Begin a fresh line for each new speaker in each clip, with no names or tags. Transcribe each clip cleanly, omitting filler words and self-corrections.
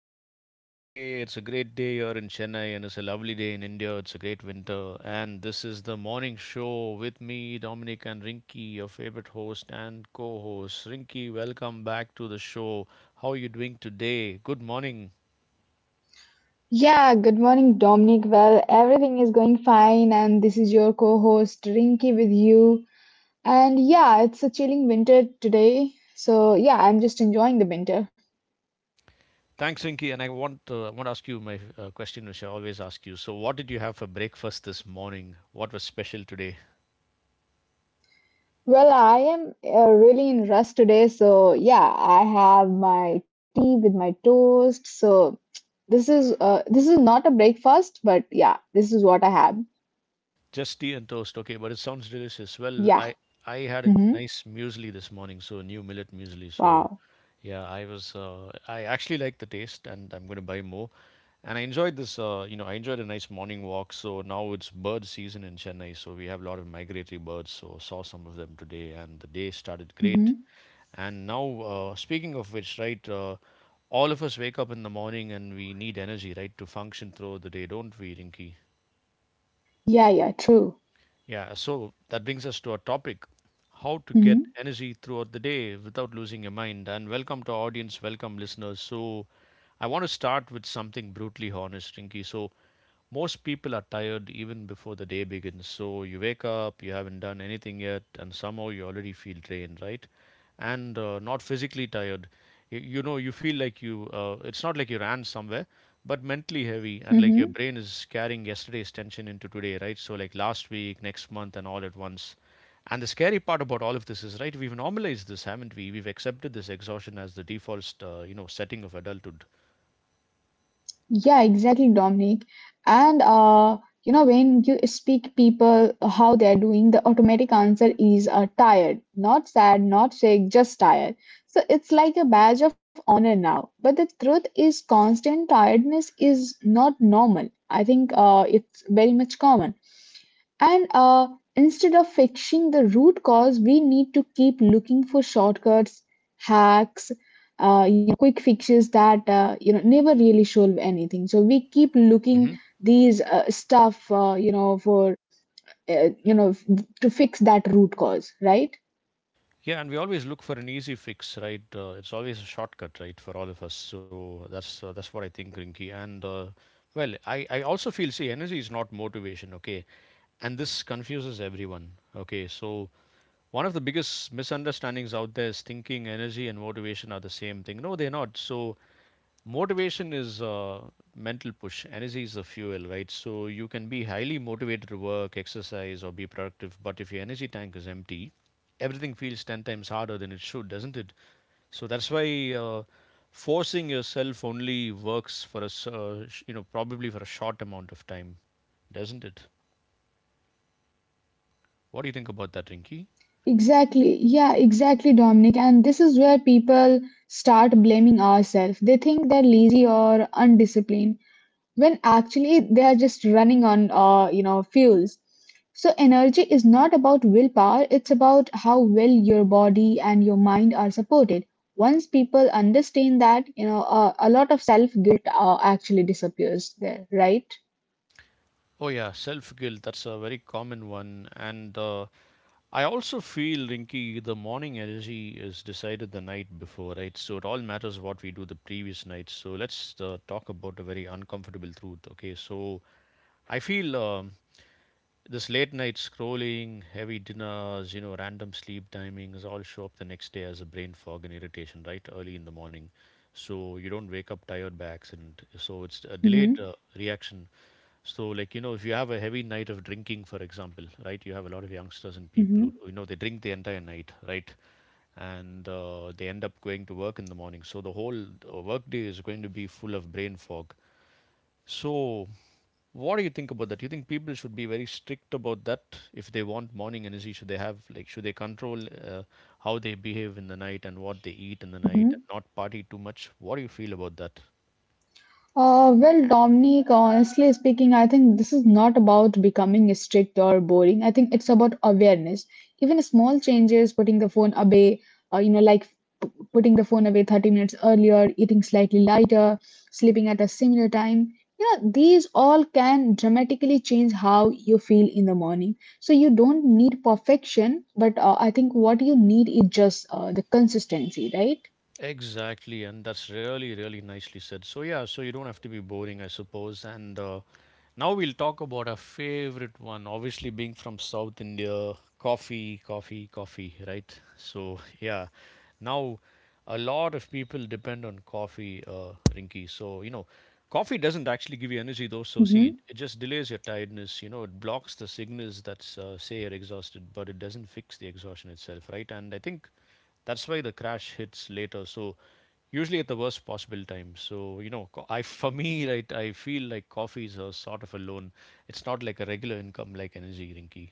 a nice Friday. It's a great day here in Chennai and it's a lovely day in India. It's a great winter. And this is the morning show with me, Dominic and Rinky, your favorite host and co host. Rinky, welcome back to the show. How are you doing today? Good morning.
Yeah, good morning, Dominic. Well, everything is going fine, and this is your co host Rinky with you. And yeah, it's a chilling winter today, so yeah, I'm just enjoying the winter.
Thanks, Rinky. And I want to ask you my question, which I always ask you. So, what did you have for breakfast this morning? What was special today?
Well, I am really in rust today, so yeah, I have my tea with my toast. So this is not a breakfast, but yeah, this is what I have.
Just tea and toast. Okay, but it sounds delicious. Well,
Yeah.
I I had a
Mm-hmm.
nice muesli this morning, so new millet muesli. So
Wow.
yeah, I actually like the taste, and I'm going to buy more. And I enjoyed this. You know, I enjoyed a nice morning walk. So now it's bird season in Chennai, so we have a lot of migratory birds. So saw some of them today, and the day started great.
Mm-hmm.
And now, speaking of which, right, all of us wake up in the morning and we need energy, right, to function through the day, don't we, Rinki?
Yeah, yeah, true.
Yeah, so that brings us to our topic, how to get
Mm-hmm.
energy throughout the day without losing your mind. And welcome to our audience, welcome listeners. So, I want to start with something brutally honest, Rinky. So, most people are tired even before the day begins. So you wake up, you haven't done anything yet, and somehow you already feel drained, right? And not physically tired. You know, you feel like it's not like you ran somewhere, but mentally heavy, and like your
Mm-hmm.
brain is carrying yesterday's tension into today, right? So, like last week, next month, and all at once. And the scary part about all of this is, right, we've normalized this, haven't we? We've accepted this exhaustion as the default, setting of adulthood.
Yeah, exactly, Dominic. And when you speak people how they're doing, the automatic answer is tired, not sad, not sick, just tired. So it's like a badge of honor now. But the truth is, constant tiredness is not normal. I think it's very much common. And instead of fixing the root cause, we need to keep looking for shortcuts, hacks, quick fixes that never really solve anything. So we keep looking these stuff, for uh, you know f- to fix that root cause, right?
Yeah, and we always look for an easy fix, right? It's always a shortcut, right, for all of us. So that's what I think, Rinky. And well, I also feel, see, energy is not motivation, okay? And this confuses everyone, okay? So one of the biggest misunderstandings out there is thinking energy and motivation are the same thing. No, they're not. So motivation is mental push. Energy is the fuel, right? So you can be highly motivated to work, exercise, or be productive, but if your energy tank is empty, everything feels 10 times harder than it should, doesn't it? So that's why forcing yourself only works for you know, probably for a short amount of time, doesn't it? What do you think about that, Rinky?
Exactly. Yeah, exactly, Dominic. And this is where people start blaming ourselves. They think they're lazy or undisciplined, when actually they are just running on fuels. So energy is not about willpower, it's about how well your body and your mind are supported. Once people understand that, a lot of self guilt actually disappears there, right?
Oh yeah, self guilt. That's a very common one, and I also feel, Rinky, the morning energy is decided the night before, right? So it all matters what we do the previous night. So let's talk about a very uncomfortable truth, okay? So I feel. This late night scrolling, heavy dinners, you know, random sleep timings all show up the next day as a brain fog and irritation, right? Early in the morning. So you don't wake up tired by accident. So it's a delayed
Mm-hmm.
reaction. So, like, you know, if you have a heavy night of drinking, for example, right, you have a lot of youngsters and people
Mm-hmm.
who, you know, they drink the entire night, right? And they end up going to work in the morning. So the whole workday is going to be full of brain fog. So, what do you think about that? Do you think people should be very strict about that if they want morning energy? Should they have, like, should they control how they behave in the night and what they eat in the night and
Mm-hmm.
not party too much? What do you feel about that?
Well, Dominic, honestly speaking, I think this is not about becoming strict or boring. I think it's about awareness. Even small changes, putting the phone away, uh, you know, like putting the phone away 30 minutes earlier, eating slightly lighter, sleeping at a similar time, these all can dramatically change how you feel in the morning. So you don't need perfection, but I think what you need is just the consistency, right?
Exactly, and that's really, really nicely said. So, yeah, so you don't have to be boring, I suppose. And now we'll talk about our favorite one, obviously, being from South India. Coffee, coffee, coffee, right? So, yeah, now a lot of people depend on coffee, Rinky. So, you know, coffee doesn't actually give you energy, though. So, see,
Mm-hmm.
it just delays your tiredness, you know, it blocks the signals that say you're exhausted, but it doesn't fix the exhaustion itself, right? And I think that's why the crash hits later. So, usually at the worst possible time. So you know, I for me, right, I feel like coffee is a sort of a loan. It's not like a regular income like energy, Rinky.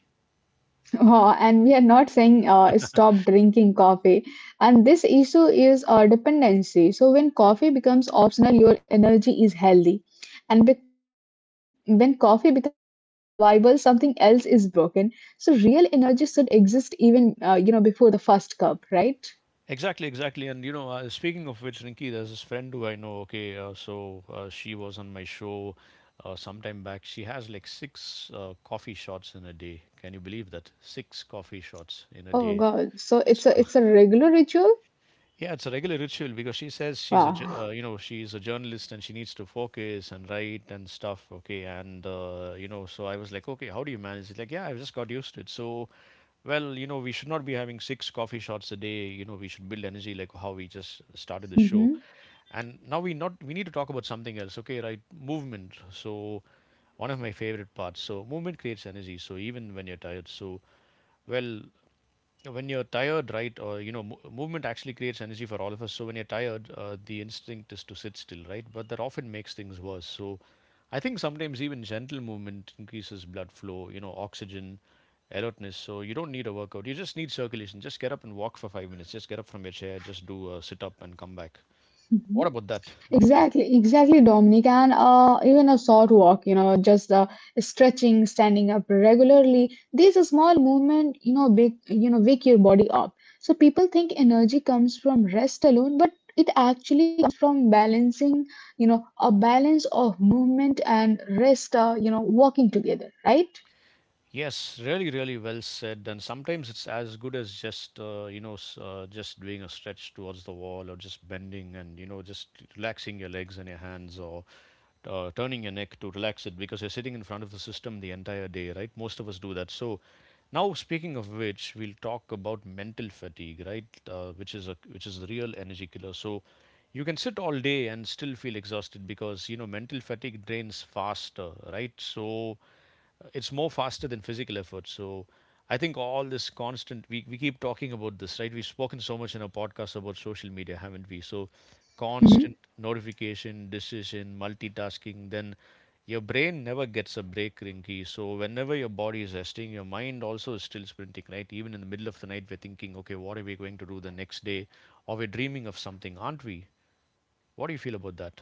And we are not saying stop drinking coffee. And this issue is dependency. So when coffee becomes optional, your energy is healthy. And when coffee becomes survival, something else is broken. So real energy should exist even before the first cup, right?
Exactly, exactly. And you know, speaking of which, Rinki, there's this friend who I know. Okay, she was on my show sometime back. She has like six coffee shots in a day. Can you believe that? Six coffee shots in a
Oh
day.
God. So it's a
So
it's a regular ritual.
yeah, it's a regular ritual because she says
Wow.
you know, she's a journalist and she needs to focus and write and stuff. Okay, and you know, so I was like, okay, how do you manage it? Like, yeah, I've just got used to it. So, well, you know, we should not be having six coffee shots a day. You know, we should build energy like how we just started the show.
Hmm.
And now we not we need to talk about something else. Okay, right, movement. So, one of my favorite parts. So movement creates energy. So even when you're tired. So well, yeah, when you're tired, right, or you know, movement actually creates energy for all of us. So when you're tired, the instinct is to sit still, right? But that often makes things worse. So I think sometimes even gentle movement increases blood flow, you know, oxygen, alertness. So you don't need a workout. You just need circulation. Just get up and walk for 5 minutes. Just get up from your chair. Just do a sit up and come back. What about that, Rinki?
Exactly, exactly, Dominic. And even a short walk, just stretching, standing up regularly. These are small movement, big, wake your body up. So people think energy comes from rest alone, but it actually comes from balancing, a balance of movement and rest, working together, right?
Yes, really, really well said. And sometimes it's as good as just you know s- just doing a stretch towards the wall, or just bending and you know just relaxing your legs and your hands, or turning your neck to relax it because you're sitting in front of the system the entire day, right? Most of us do that. So now, speaking of which, we'll talk about mental fatigue, right? Which is the real energy killer. So you can sit all day and still feel exhausted because you know mental fatigue drains faster, right? So it's more faster than physical effort. So I think all this constant, we keep talking about this, right? We've spoken so much in our podcast about social media, haven't we? So constant notification, decision, multitasking, then your brain never gets a break, Rinky. So whenever your body is resting, your mind also is still sprinting, right? Even in the middle of the night, we're thinking, okay, what are we going to do the next day? Or we're dreaming of something, aren't we? What do you feel about that?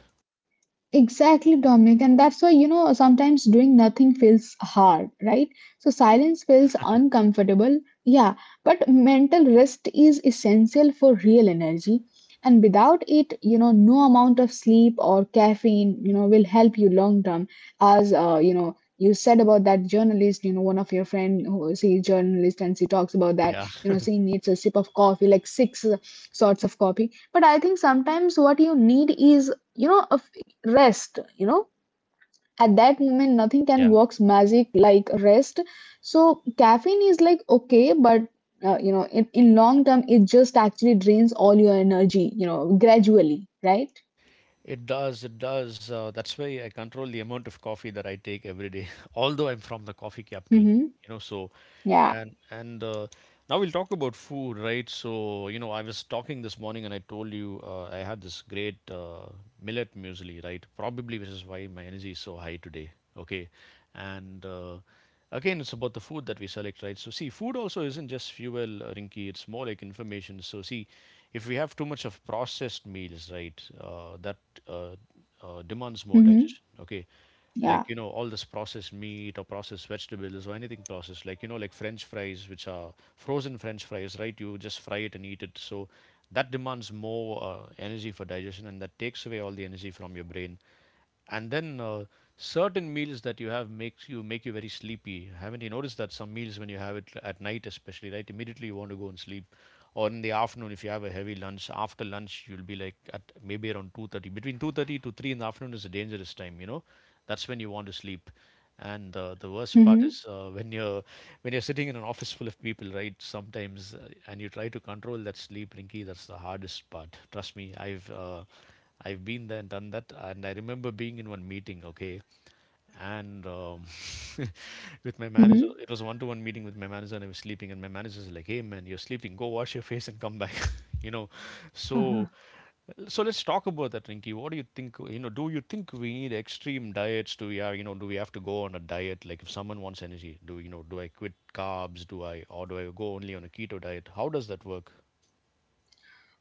Exactly, Dominic. And that's why, sometimes doing nothing feels hard, right? So silence feels uncomfortable. Yeah. But mental rest is essential for real energy. And without it, no amount of sleep or caffeine, will help you long term. As you said about that journalist, one of your friend who she's journalist and she talks about that,
Yeah.
she needs a sip of coffee, like six sorts of coffee. But I think sometimes what you need is a rest. you know at that moment nothing can works magic like rest. So caffeine is like okay, but in long term it just actually drains all your energy gradually, right?
It does, it does. That's why I control the amount of coffee that I take every day. Although I'm from the coffee capital,
Mm-hmm.
you know, so
Yeah.
and now we'll talk about food, right? So you know, I was talking this morning, and I told you I had this great millet muesli, right? Probably which is why my energy is so high today. Okay, and again, it's about the food that we select, right? So see, food also isn't just fuel, Rinky. It's more like information. So see, if we have too much of processed meals, right, that uh, demands more
Mm-hmm.
digestion, okay, like
Yeah.
all this processed meat or processed vegetables or anything processed, like like french fries, which are frozen french fries, right? You just fry it and eat it. So that demands more energy for digestion, and that takes away all the energy from your brain. And then certain meals that you have make you very sleepy. Haven't you noticed that some meals, when you have it at night especially, right, immediately you want to go and sleep? Or in the afternoon, if you have a heavy lunch, after lunch you'll be like, at maybe around 2:30, between 2:30 to 3 in the afternoon is a dangerous time, you know. That's when you want to sleep. And the worst part
Mm-hmm.
is when you're sitting in an office full of people, right? Sometimes and you try to control that sleep, Rinky, that's the hardest part. Trust me, I've been there and done that. And I remember being in one meeting, okay, and with my
Mm-hmm.
manager. It was a one to one meeting with my manager, and I was sleeping. And my manager's like, "Hey, man, you're sleeping. Go wash your face and come back." you know, so so let's talk about that, Rinky. What do you think? You know, do you think we need extreme diets? Do we are, you know, Do we have to go on a diet? Like, if someone wants energy, do I quit carbs? Do I go only on a keto diet? How does that work?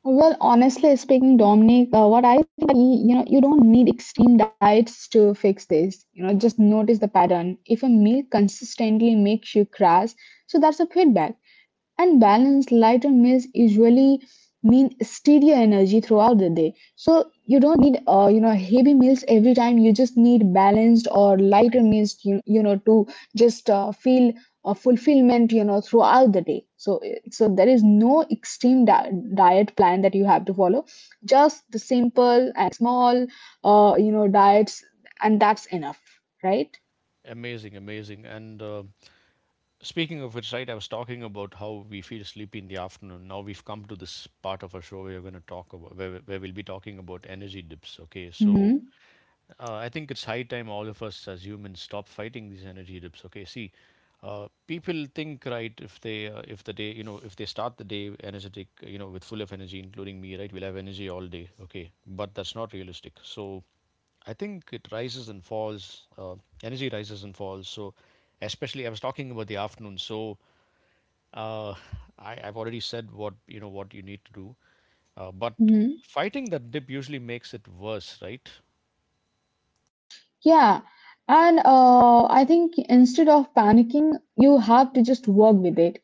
Well, honestly speaking, Dominic, what I think that you don't need extreme diets to fix this. Just notice the pattern. If a meal consistently makes you crash, so that's a feedback. And balanced lighter meals usually mean steadier energy throughout the day, so you don't need heavy meals every time. You just need balanced or
Okay,
lighter meals, you know to just feel fulfillment, throughout the day. So there is no extreme diet plan that you have to follow. Just the simple and small diets, and that's enough, right?
amazing, amazing, and. Speaking of which, right, I was talking about how we feel sleepy in the afternoon. Now we've come to this part of our show, where we're going to talk about where we'll be talking about energy dips. Okay, so
Mm-hmm.
I think it's high time all of us as humans stop fighting these energy dips. Okay, see, people think, right, if the day, if they start the day energetic, with full of energy, including me, right, we'll have energy all day. Okay, but that's not realistic. So I think it rises and falls. Energy rises and falls. So especially I was talking about the afternoon. So uh, I've already said what you need to do, but
Mm-hmm.
fighting that dip usually makes it worse, right?
Yeah, and I think instead of panicking, you have to just work with it.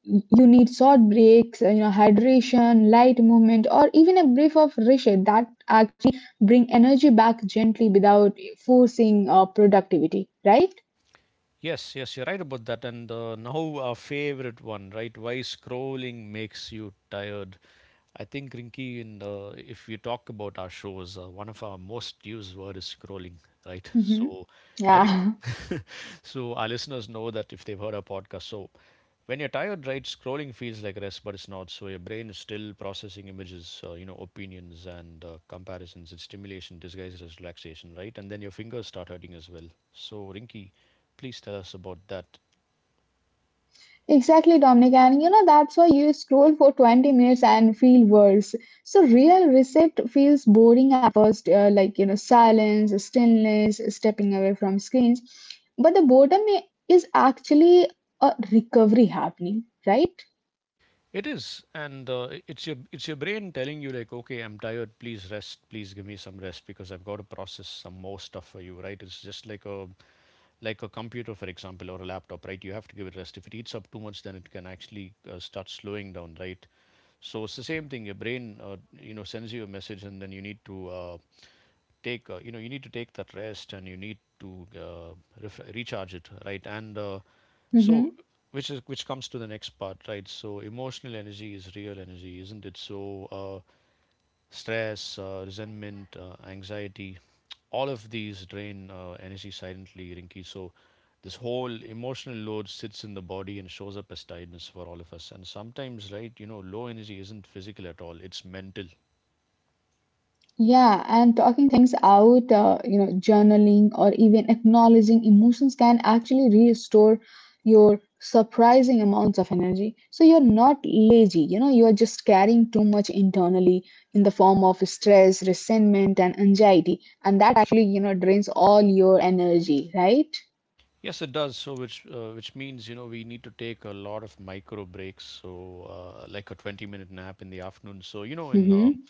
You need short breaks, hydration, light movement, or even a brief of reset that actually bring energy back gently without forcing productivity, right?
Yes, yes, you're right about that. And now our favorite one, right? Why scrolling makes you tired. I think, Rinky, in if you talk about our shows, one of our most used word is scrolling, right?
Hmm.
So I think,
Yeah.
so our listeners know that if they've heard our podcast. So when you're tired, right, scrolling feels like rest, but it's not. So your brain is still processing images, opinions, and comparisons. It's stimulation disguised as relaxation, right? And then your fingers start hurting as well. So, Rinky, please tell us about that.
Exactly, Dominic. And that's why you scroll for 20 minutes and feel worse. So real reset feels boring at first, like, silence, stillness, stepping away from screens. But the boredom is actually a recovery happening, right?
It is, and it's your brain telling you, like, okay, I'm tired. Please rest. Please give me some rest, because I've got to process some more stuff for you, right? It's just like a computer, for example, or a laptop, right? You have to give it rest. If it eats up too much, then it can actually start slowing down, right? So it's the same thing. Your brain, sends you a message, and then you need to take, you need to take that rest, and you need to recharge it, right? And
Mm-hmm.
so, which comes to the next part, right? So emotional energy is real energy, isn't it? Uh, Stress, resentment, anxiety, all of these drain energy silently, Rinki. So this whole emotional load sits in the body and shows up as tiredness for all of us. And sometimes, right, you know, low energy isn't physical at all, it's mental.
Yeah, and talking things out, journaling or even acknowledging emotions can actually restore your surprising amounts of energy. So you're not lazy, you're just carrying too much internally in the form of stress, resentment, and anxiety. And that actually drains all your energy, right?
Yes, it does. So, which means, you know, we need to take a lot of micro breaks. So, like a 20-minute nap in the afternoon. So, you know,
Mm-hmm.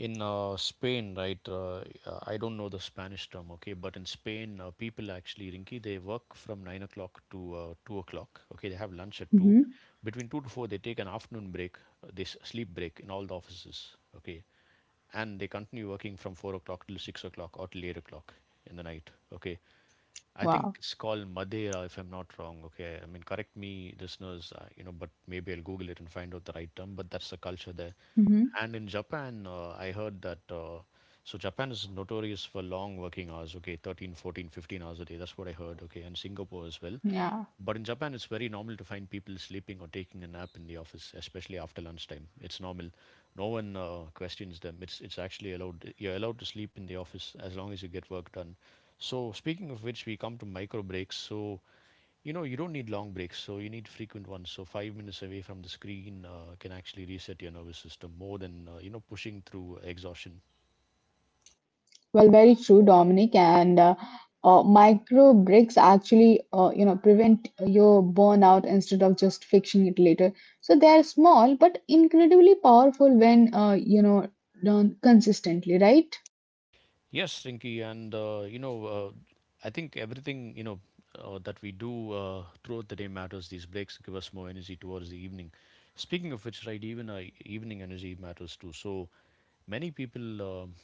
in Spain, right? I don't know the Spanish term, okay, but in Spain, people actually, Rinki, they work from 9 o'clock to 2 o'clock. Okay, they have lunch at two.
Mm-hmm.
Between two to four, they take an afternoon break, they sleep break in all the offices. Okay, and they continue working from 4 o'clock till 6 o'clock or till 8 o'clock in the night. Okay, I think
Wow.
it's called Madeira, if I'm not wrong. Okay, I mean, correct me, listeners. But maybe I'll Google it and find out the right term. But that's the culture there.
Mm-hmm.
And in Japan, I heard that. So Japan is notorious for long working hours. Okay, 13, 14, 15 hours a day. That's what I heard. Okay, and Singapore as well.
Yeah.
But in Japan, it's very normal to find people sleeping or taking a nap in the office, especially after lunchtime. It's normal. No one questions them. It's actually allowed. You're allowed to sleep in the office as long as you get work done. So speaking of which, we come to micro breaks. So you know, you don't need long breaks. So you need frequent ones. So 5 minutes away from the screen can actually reset your nervous system more than pushing through exhaustion.
Well, very true, Dominic. And micro breaks actually prevent your burnout instead of just fixing it later. So they are small but incredibly powerful when done consistently, right?
Yes, Rinky, and I think everything, you know, that we do throughout the day matters. These breaks give us more energy towards the evening. Speaking of which, right, even evening energy matters too. So many people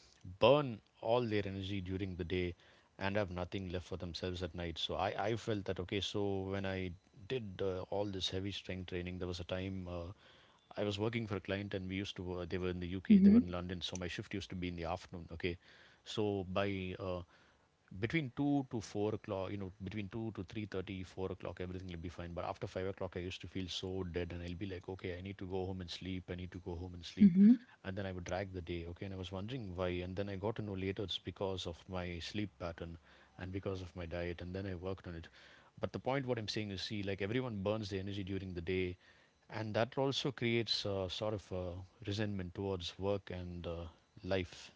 burn all their energy during the day and have nothing left for themselves at night. So I felt that, okay. So when I did all this heavy strength training, there was a time I was working for a client, and they were in the UK, they were
Mm-hmm.
in London. So my shift used to be in the afternoon, okay. So by between 2 to 4 o'clock, you know, between 2 to 3:30, 4 o'clock everything will be fine, but after 5 o'clock I used to feel so dead, and I'll be like, okay, I need to go home and sleep, I need to go home and sleep.
Mm-hmm.
And then I would drag the day. Okay, and I was wondering why, and then I got to know later it's because of my sleep pattern and because of my diet, and then I worked on it. But the point what I'm saying is, see, like everyone burns their energy during the day, and that also creates sort of resentment towards work and life.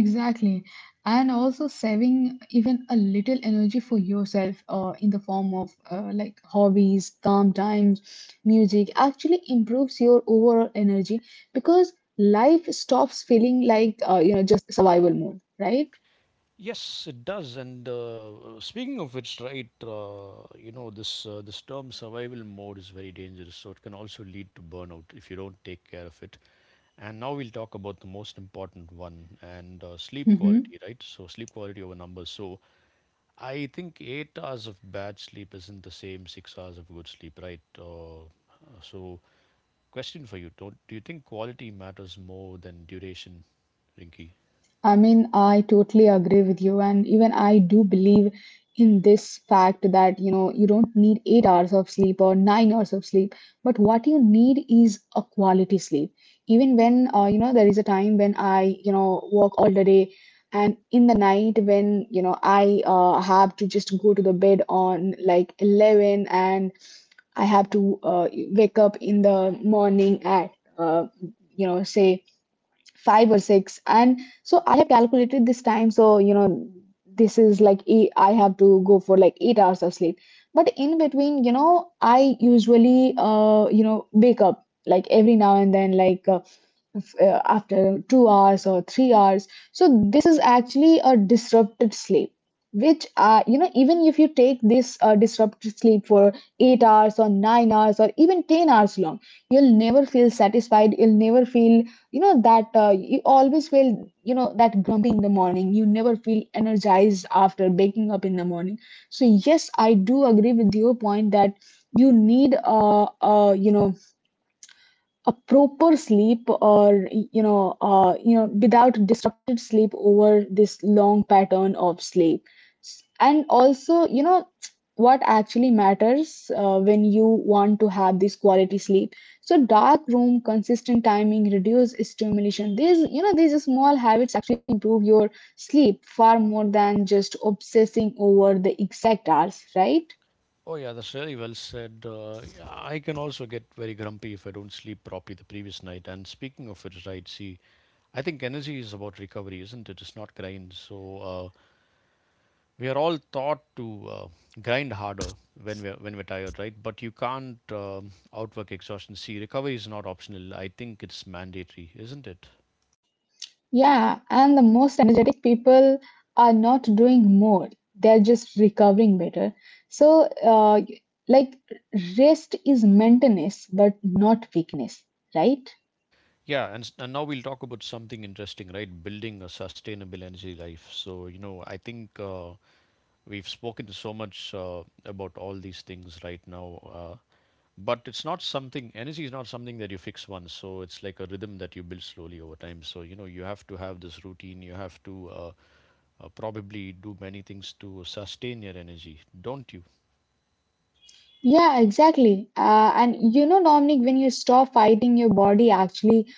Exactly. And also saving even a little energy for yourself in the form of like hobbies, calm times, music actually improves your overall energy, because life stops feeling like, just survival mode, right?
Yes, it does. And speaking of which, right, this term survival mode is very dangerous. So it can also lead to burnout if you don't take care of it. And now we'll talk about the most important one, and sleep quality,
Hmm.
right? So, sleep quality over numbers. So I think 8 hours of bad sleep isn't the same 6 hours of good sleep, right? So, question for you: Don't do you think quality matters more than duration, Rinky?
I mean, I totally agree with you, and even I do believe in this fact that you don't need 8 hours of sleep or 9 hours of sleep, but what you need is a quality sleep. Even when there is a time when I work all the day, and in the night when I have to just go to the bed on like 11, and I have to wake up in the morning at uh, say 5 or 6. And so I have calculated this time, so this is like eight. I have to go for like 8 hours of sleep, but in between I usually wake up like every now and then, like after 2 hours or 3 hours. So this is actually a disrupted sleep, which even if you take this disrupted sleep for 8 hours or 9 hours or even 10 hours long, you'll never feel satisfied. You'll never feel that you always feel that grumpy in the morning. You never feel energized after waking up in the morning. So yes, I do agree with your point that you need a proper sleep, or without disrupted sleep over this long pattern of sleep. And also what actually matters when you want to have this quality sleep, so dark room, consistent timing, reduce stimulation, these you know these small habits actually improve your sleep far more than just obsessing over the exact hours, right?
Oh yeah, that's really well said. Yeah, I can also get very grumpy if I don't sleep properly the previous night. And speaking of it, right? See, I think energy is about recovery, isn't it? It's not grind. We are all taught to grind harder when we're tired, right? But you can't outwork exhaustion. See, recovery is not optional. I think it's mandatory, isn't it?
Yeah, and the most energetic people are not doing more, they're just recovering better. So, like, rest is maintenance, but not weakness, right?
Yeah, and now we'll talk about something interesting, right? Building a sustainable energy life. So you know, I think we've spoken so much about all these things right now, but it's not something, energy is not something that you fix once. So it's like a rhythm that you build slowly over time. So you know, you have to have this routine, you have to probably do many things to sustain your energy, don't you?
Yeah, exactly. And Dominic, when you stop fighting your body,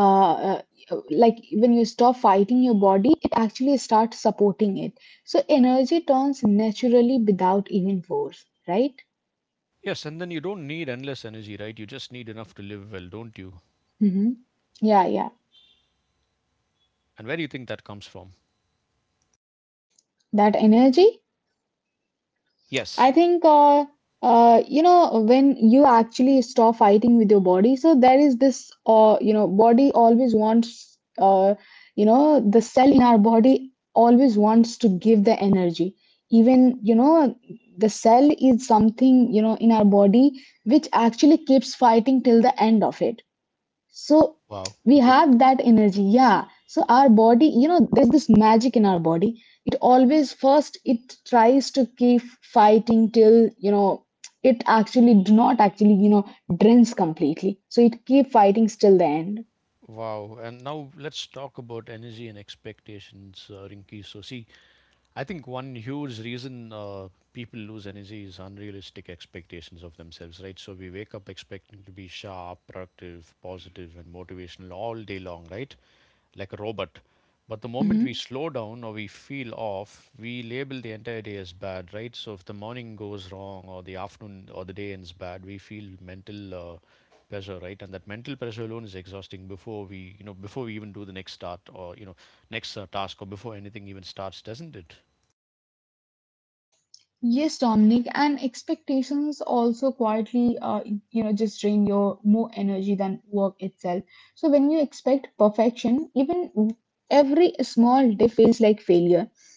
uh, uh, when you stop fighting your body, it actually starts supporting it. So energy turns naturally without even force, right?
Yes, and then you don't need endless energy, right? You just need enough to live well, don't you?
Mm-hmm. Yeah, yeah.
And where do you think that comes from?
That energy, I
Yes.
think when you actually stop fighting with your body, so there is this body always wants the cell in our body always wants to give the energy. Even the cell is something in our body which actually keeps fighting till the end of it. So
Wow.
we
Okay.
have that energy, yeah. So our body, there's this magic in our body. It always first it tries to keep fighting till it actually do not actually drains completely. So it keep fighting till the end.
Wow. And now let's talk about energy and expectations, Rinki. So, see, I think one huge reason people lose energy is unrealistic expectations of themselves, right? So we wake up expecting to be sharp, productive, positive, and motivational all day long, right? Like a robot. But the moment we slow down or we feel off, we label the entire day as bad, right? So if the morning goes wrong, or the afternoon, or the day ends bad, we feel mental pressure, right? And that mental pressure alone is exhausting before we, you know, before we even do the next start, or, you know, next task, or before anything even starts, doesn't it?
Yes, Dominic, and expectations also quietly, just drain your more energy than work itself. So when you expect perfection, even every small dip feels like failure.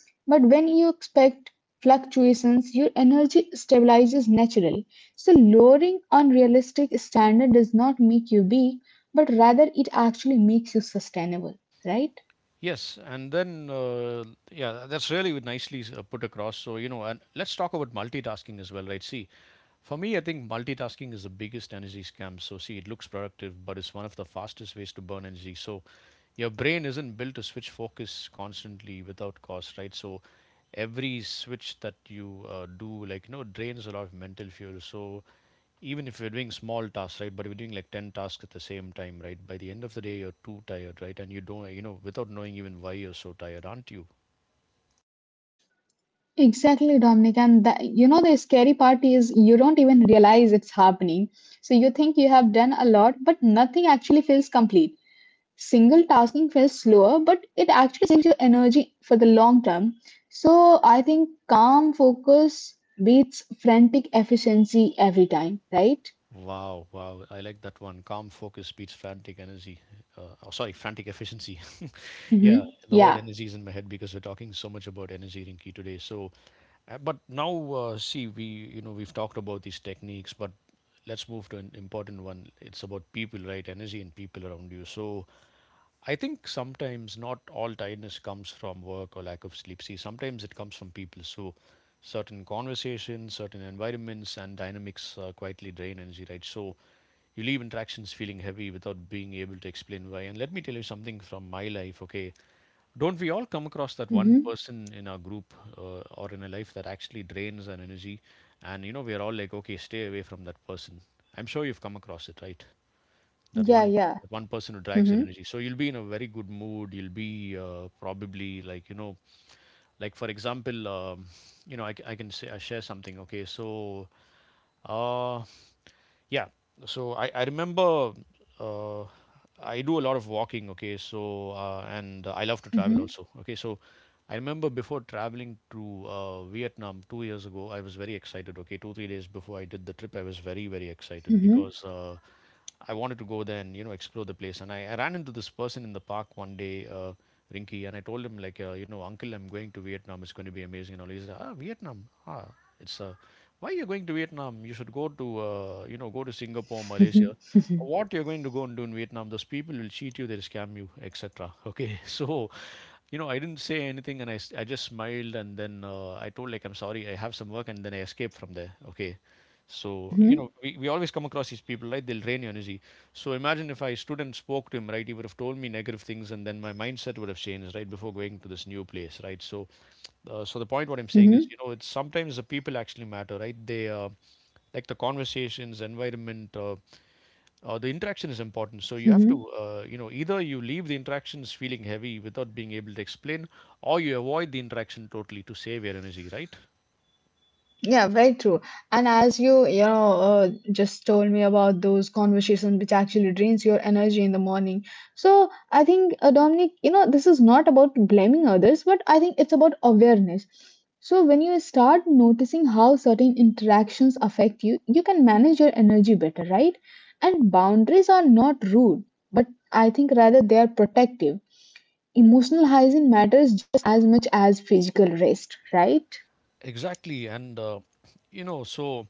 But when you expect fluctuations, your energy stabilizes naturally. So lowering unrealistic standard does not make you weak, but rather it actually makes you sustainable, right?
Yes, and then yeah, that's really nicely put across. So you know, and let's talk about multitasking as well, right? See, for me, I think multitasking is the biggest energy scam. So, see, it looks productive, but it's one of the fastest ways to burn energy. So your brain isn't built to switch focus constantly without cost, right? So every switch that you do, like, you know, drains a lot of mental fuel. So, even if you're doing small tasks, right, but if you're doing like 10 tasks at the same time, right, by the end of the day, you're too tired, right? And you don't, you know, without knowing even why you're so tired, aren't you?
Exactly, Dominic. And the scary part is you don't even realize it's happening. So you think you have done a lot, but nothing actually feels complete. Single tasking feels slower, but it actually saves your energy for the long term. So I think calm focus beats frantic efficiency every time, right?
Wow, wow. I like that one. Calm focus beats frantic energy. Oh, sorry, frantic efficiency.
Mm-hmm.
Yeah, the word
Yeah.
energy is in my head because we're talking so much about energy, Rinki, today. So, but now, see, we we've talked about these techniques, but let's move to an important one. It's about people, right? Energy and people around you. So, I think sometimes not all tiredness comes from work or lack of sleep. See, sometimes it comes from people. So, certain conversations, certain environments, and dynamics quietly drain energy, right? So you leave interactions feeling heavy without being able to explain why. And let me tell you something from my life, okay? Don't we all come across that one
Mm-hmm.
person in our group or in a life that actually drains our energy? And you know, we are all like, okay, stay away from that person. I'm sure you've come across it, right? that
Yeah,
one
yeah.
that one person who drags your
Mm-hmm.
energy. So you'll be in a very good mood, you'll be probably like, you know, like for example, you know, I can say I share something, okay? So uh yeah. So I remember, uh I do a lot of walking, okay? So and I love to
Mm-hmm.
travel also, okay? So I remember before traveling to Vietnam 2 years ago, I was very excited, okay? 2 3 days before I did the trip, I was very excited
Mm-hmm.
because I wanted to go there and you know explore the place. And I ran into this person in the park one day, Rinky, and I told him like, you know, uncle, I'm going to Vietnam. It's going to be amazing and all. He said, ah, Vietnam, ah, it's why you're going to Vietnam? You should go to you know go to Singapore, Malaysia.
Mm-hmm.
What you're going to go and do in Vietnam? Those people will cheat you, they'll scam you, etc. Okay, so you know, I didn't say anything and I just smiled and then I told like I'm sorry, I have some work and then I escaped from there. Okay. So, you know,
Mm-hmm.
we always come across these people, right? They'll drain your energy. So imagine if I stood and spoke to him, right? He would have told me negative things and then my mindset would have changed, right? Before going to this new place, right? So,
Mm-hmm.
so the point what I'm saying is, you know, it's sometimes the people actually matter, right? Like the conversations, environment, the interaction is important. So
Mm-hmm.
you have to, you know, either you leave the interactions feeling heavy without being able to explain, or you avoid the interaction totally to save your energy, right?
Yeah, very true. And as you just told me about those conversations which actually drains your energy in the morning. So I think, Dominic, you know, this is not about blaming others, but I think it's about awareness. So when you start noticing how certain interactions affect you, you can manage your energy better, right? And boundaries are not rude, but I think rather they are protective. Emotional hygiene matters just as much as physical rest, right?
Exactly. And you know, so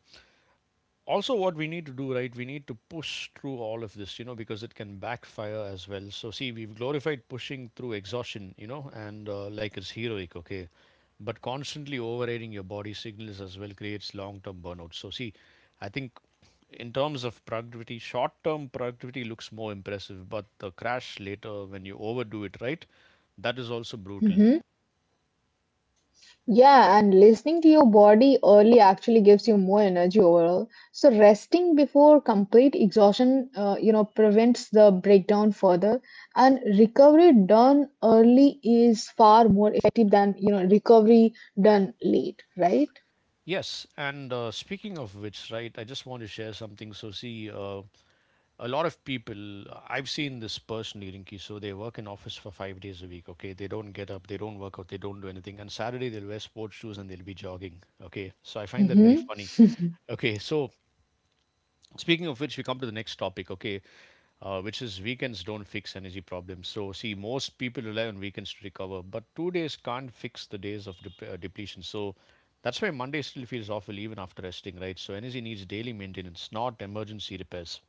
also what we need to do, right, we need to push through all of this, you know, because it can backfire as well. So see, we've glorified pushing through exhaustion, you know, and like it's heroic, okay, but constantly overriding your body signals as well creates long term burnout. So see, I think in terms of productivity, short term productivity looks more impressive, but the crash later when you overdo it, right, that is also brutal.
Yeah, and listening to your body early actually gives you more energy overall. So resting before complete exhaustion, prevents the breakdown further. And recovery done early is far more effective than, you know, recovery done late, right?
Yes, and speaking of which, right, I just want to share something. So, see, a lot of people I've seen this personally, Rinki. So they work in office for 5 days a week, okay? They don't get up, they don't work out, they don't do anything, and Saturday they'll wear sports shoes and they'll be jogging, okay? So I find that very
Mm-hmm.
funny. Okay, so speaking of which, we come to the next topic. Okay, which is weekends don't fix energy problems. So see, most people rely on weekends to recover, but two days can't fix the days of depletion. So that's why Monday still feels awful even after resting, right? So energy needs daily maintenance, not emergency repairs.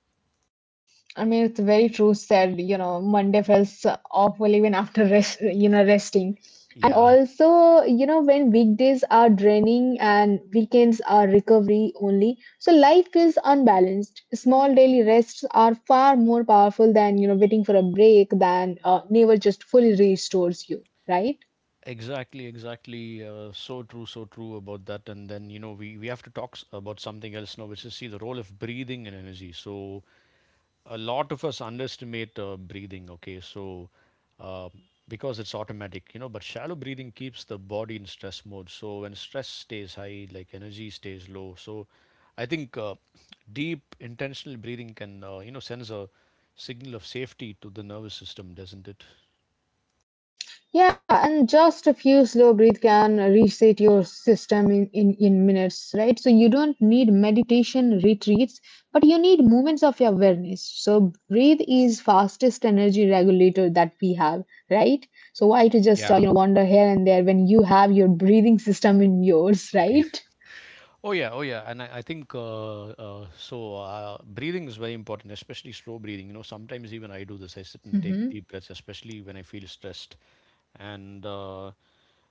I mean, it's very true said, you know, Monday feels awful even after rest, you know, resting. And
Yeah.
also, you know, when weekdays are draining and weekends are recovery only, so life feels unbalanced. Small daily rests are far more powerful than, you know, waiting for a break than never just fully restores you, right?
Exactly, exactly. So true, so true about that. And then, you know, we have to about something else now, which is, see, the role of breathing and energy. So, a lot of us underestimate breathing, okay? So, uh, because it's automatic, you know, but shallow breathing keeps the body in stress mode. So, when stress stays high, like energy stays low. So, I think deep, intentional breathing can, you know, sends a signal of safety to the nervous system, doesn't it?
Yeah, and just a few slow breath can reset your system in minutes, right? So you don't need meditation retreats, but you need moments of awareness. So breathe is fastest energy regulator that we have, right? So why to just
Yeah.
you know wander here and there when you have your breathing system in yours,
Okay.
right?
Oh yeah, oh yeah, and I think so. Breathing is very important, especially slow breathing. You know, sometimes even I do this. I sit and take
Mm-hmm,
deep breaths, especially when I feel stressed. And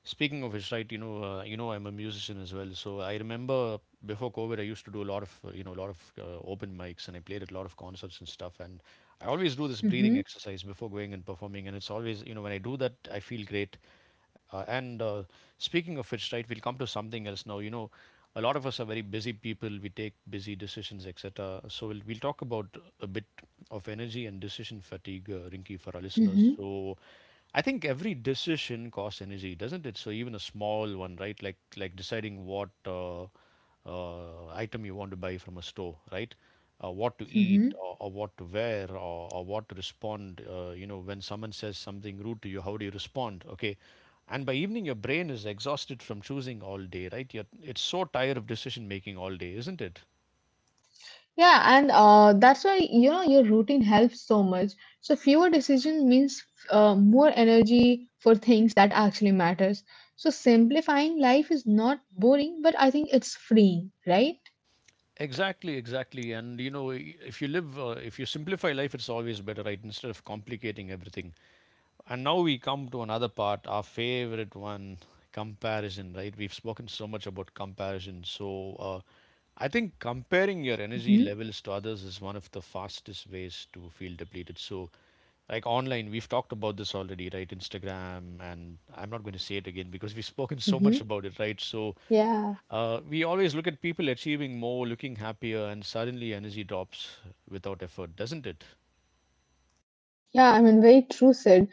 speaking of which, right, you know, I'm a musician as well. So I remember before COVID, I used to do a lot of, a lot of open mics, and I played at a lot of concerts and stuff. And I always do this breathing
mm-hmm,
exercise before going and performing, and it's always, you know, when I do that, I feel great. And Speaking of which, right, we'll come to something else now. You know, a lot of us are very busy people. We take busy decisions, et cetera. So we'll talk about a bit of energy and decision fatigue, Rinki, for our listeners.
mm-hmm,
So I think every decision costs energy, doesn't it? So even a small one, right, like deciding what item you want to buy from a store, right? What to eat,
mm-hmm.
or what to wear, or what to respond. You know, when someone says something rude to you, how do you respond? Okay, and by evening your brain is exhausted from choosing all day, right? You're, it's so tired of decision making all day, isn't it?
Yeah, and that's why you know your routine helps so much. So fewer decision means more energy for things that actually matters. So simplifying life is not boring, but I think it's freeing, right?
Exactly, exactly. And you know, if you live, if you simplify life, it's always better, right? Instead of complicating everything. And now we come to another part, our favorite one, comparison, right? We've spoken so much about comparison. So I think comparing your energy
Mm-hmm.
levels to others is one of the fastest ways to feel depleted. So, like online, we've talked about this already, right? Instagram, and I'm not going to say it again because we've spoken so much
Mm-hmm.
about it, right? So,
Yeah,
we always look at people achieving more, looking happier, and suddenly energy drops without effort, doesn't it?
yeah, I mean, very true, said.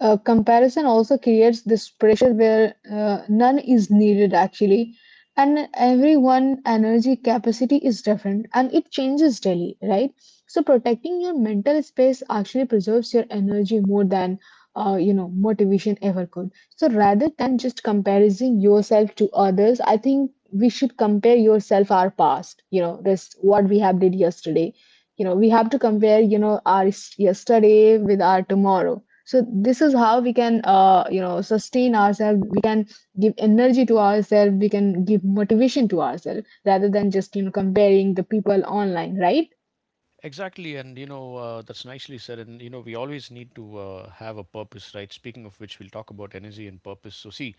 Comparison also creates this pressure where none is needed actually, and everyone energy capacity is different and it changes daily, right? So protecting your mental space actually preserves your energy more than you know motivation ever could. So rather than just comparing yourself to others, I think we should compare yourself our past. You know this what we have did yesterday. You know we have to compare you know our s- yesterday with our tomorrow. So this is how we can you know sustain ourselves, we can give energy to ourselves, we can give motivation to ourselves rather than just you know comparing the people online, right?
Exactly, and you know, that's nicely said. And you know, we always need to have a purpose, right? Speaking of which, we'll talk about energy and purpose. So, see,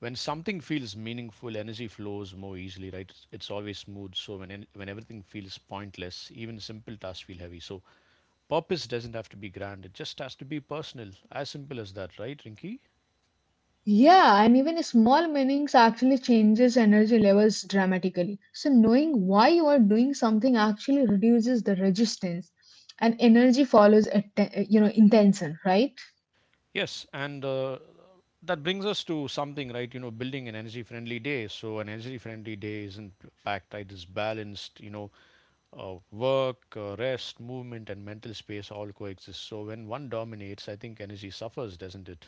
when something feels meaningful, energy flows more easily, right? It's always smooth. So, when everything feels pointless, even simple tasks feel heavy. So, purpose doesn't have to be grand, it just has to be personal. As simple as that, right, Rinky?
Yeah, and even small meanings actually changes energy levels dramatically, so knowing why you are doing something actually reduces the resistance, and energy follows you know intention, right?
Yes, and that brings us to something, right? You know, building an energy friendly day. So, an energy friendly day isn't packed, right? It's balanced, you know, work, rest, movement, and mental space all coexist. So, when one dominates, I think energy suffers, doesn't it?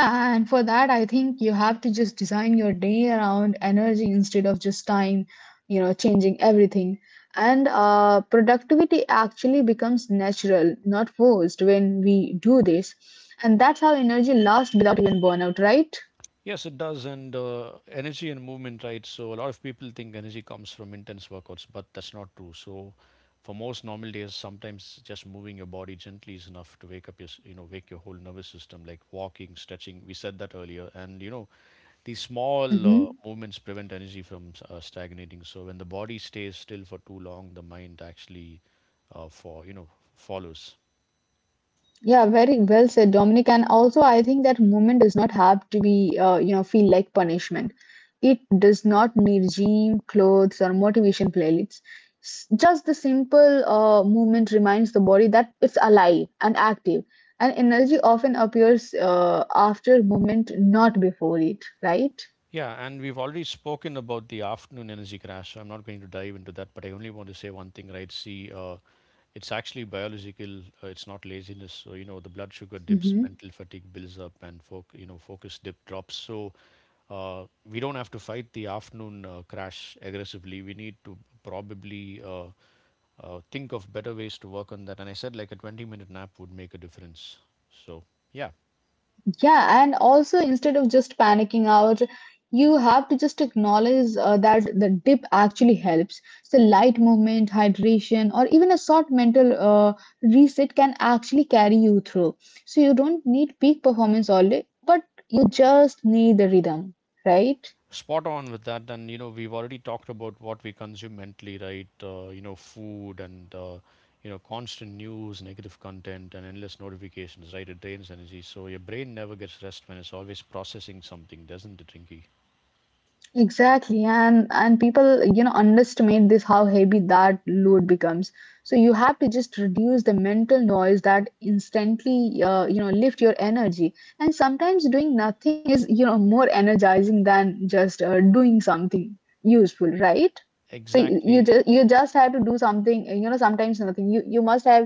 Yeah, and for that, I think you have to just design your day around energy instead of just time, you know, changing everything. And productivity actually becomes natural, not forced, when we do this. And that's how energy lasts without even burnout, right?
Yes, it does. And energy and movement, right? So, a lot of people think energy comes from intense workouts, but that's not true. So, for most normal days, sometimes just moving your body gently is enough to wake up your, s- you know, wake your whole nervous system, like walking, stretching. We said that earlier. And, you know, these small
Hmm.
movements prevent energy from stagnating. So, when the body stays still for too long, the mind actually, uh, for, you know, follows.
Yeah, very well said, Dominic. And also, I think that movement does not have to be, you know, feel like punishment. It does not need gym, clothes, or motivation playlists. Just the simple movement reminds the body that it's alive and active. And energy often appears after movement, not before it, right?
Yeah, and we've already spoken about the afternoon energy crash, so I'm not going to dive into that, but I only want to say one thing, right? See, it's actually biological, it's not laziness. So, you know, the blood sugar dips,
Mhm.
mental fatigue builds up, and focus dip drops. So, we don't have to fight the afternoon crash aggressively. We need to probably think of better ways to work on that. And I said like a 20-minute nap would make a difference. So, yeah.
Yeah, and also instead of just panicking out, you have to just acknowledge that the dip actually helps. So light movement, hydration, or even a short mental reset can actually carry you through. So you don't need peak performance all day, but you just need the rhythm, right?
Spot on with that. And, you know, we've already talked about what we consume mentally, right? You know, food and, constant news, negative content, and endless notifications, right? It drains energy. So your brain never gets rest when it's always processing something, doesn't it, Rinky?
Exactly, and people, you know, underestimate this how heavy that load becomes. So you have to just reduce the mental noise that instantly, you know, lift your energy. And sometimes doing nothing is, you know, more energizing than just doing something useful, right? So you, you
Exactly.
just you just have to do something, you know, sometimes nothing. You must have,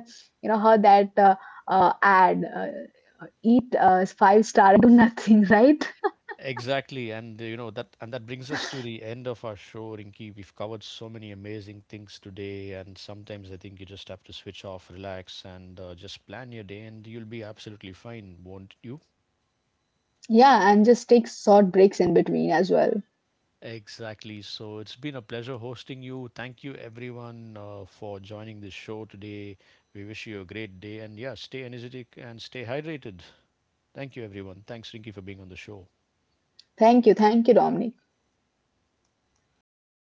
you know, heard that ad, eat five star, and do nothing, right?
Exactly. And, you know, that brings us to the end of our show, Rinky. We've covered so many amazing things today. And sometimes I think you just have to switch off, relax, and just plan your day, and you'll be absolutely fine, won't you?
Yeah, and just take short breaks in between as well.
Exactly. So it's been a pleasure hosting you. Thank you, everyone, for joining this show today. We wish you a great day. And yeah, stay energetic and stay hydrated. Thank you, everyone. Thanks, Rinky, for being on the show.
Thank you. Thank you, Dominic.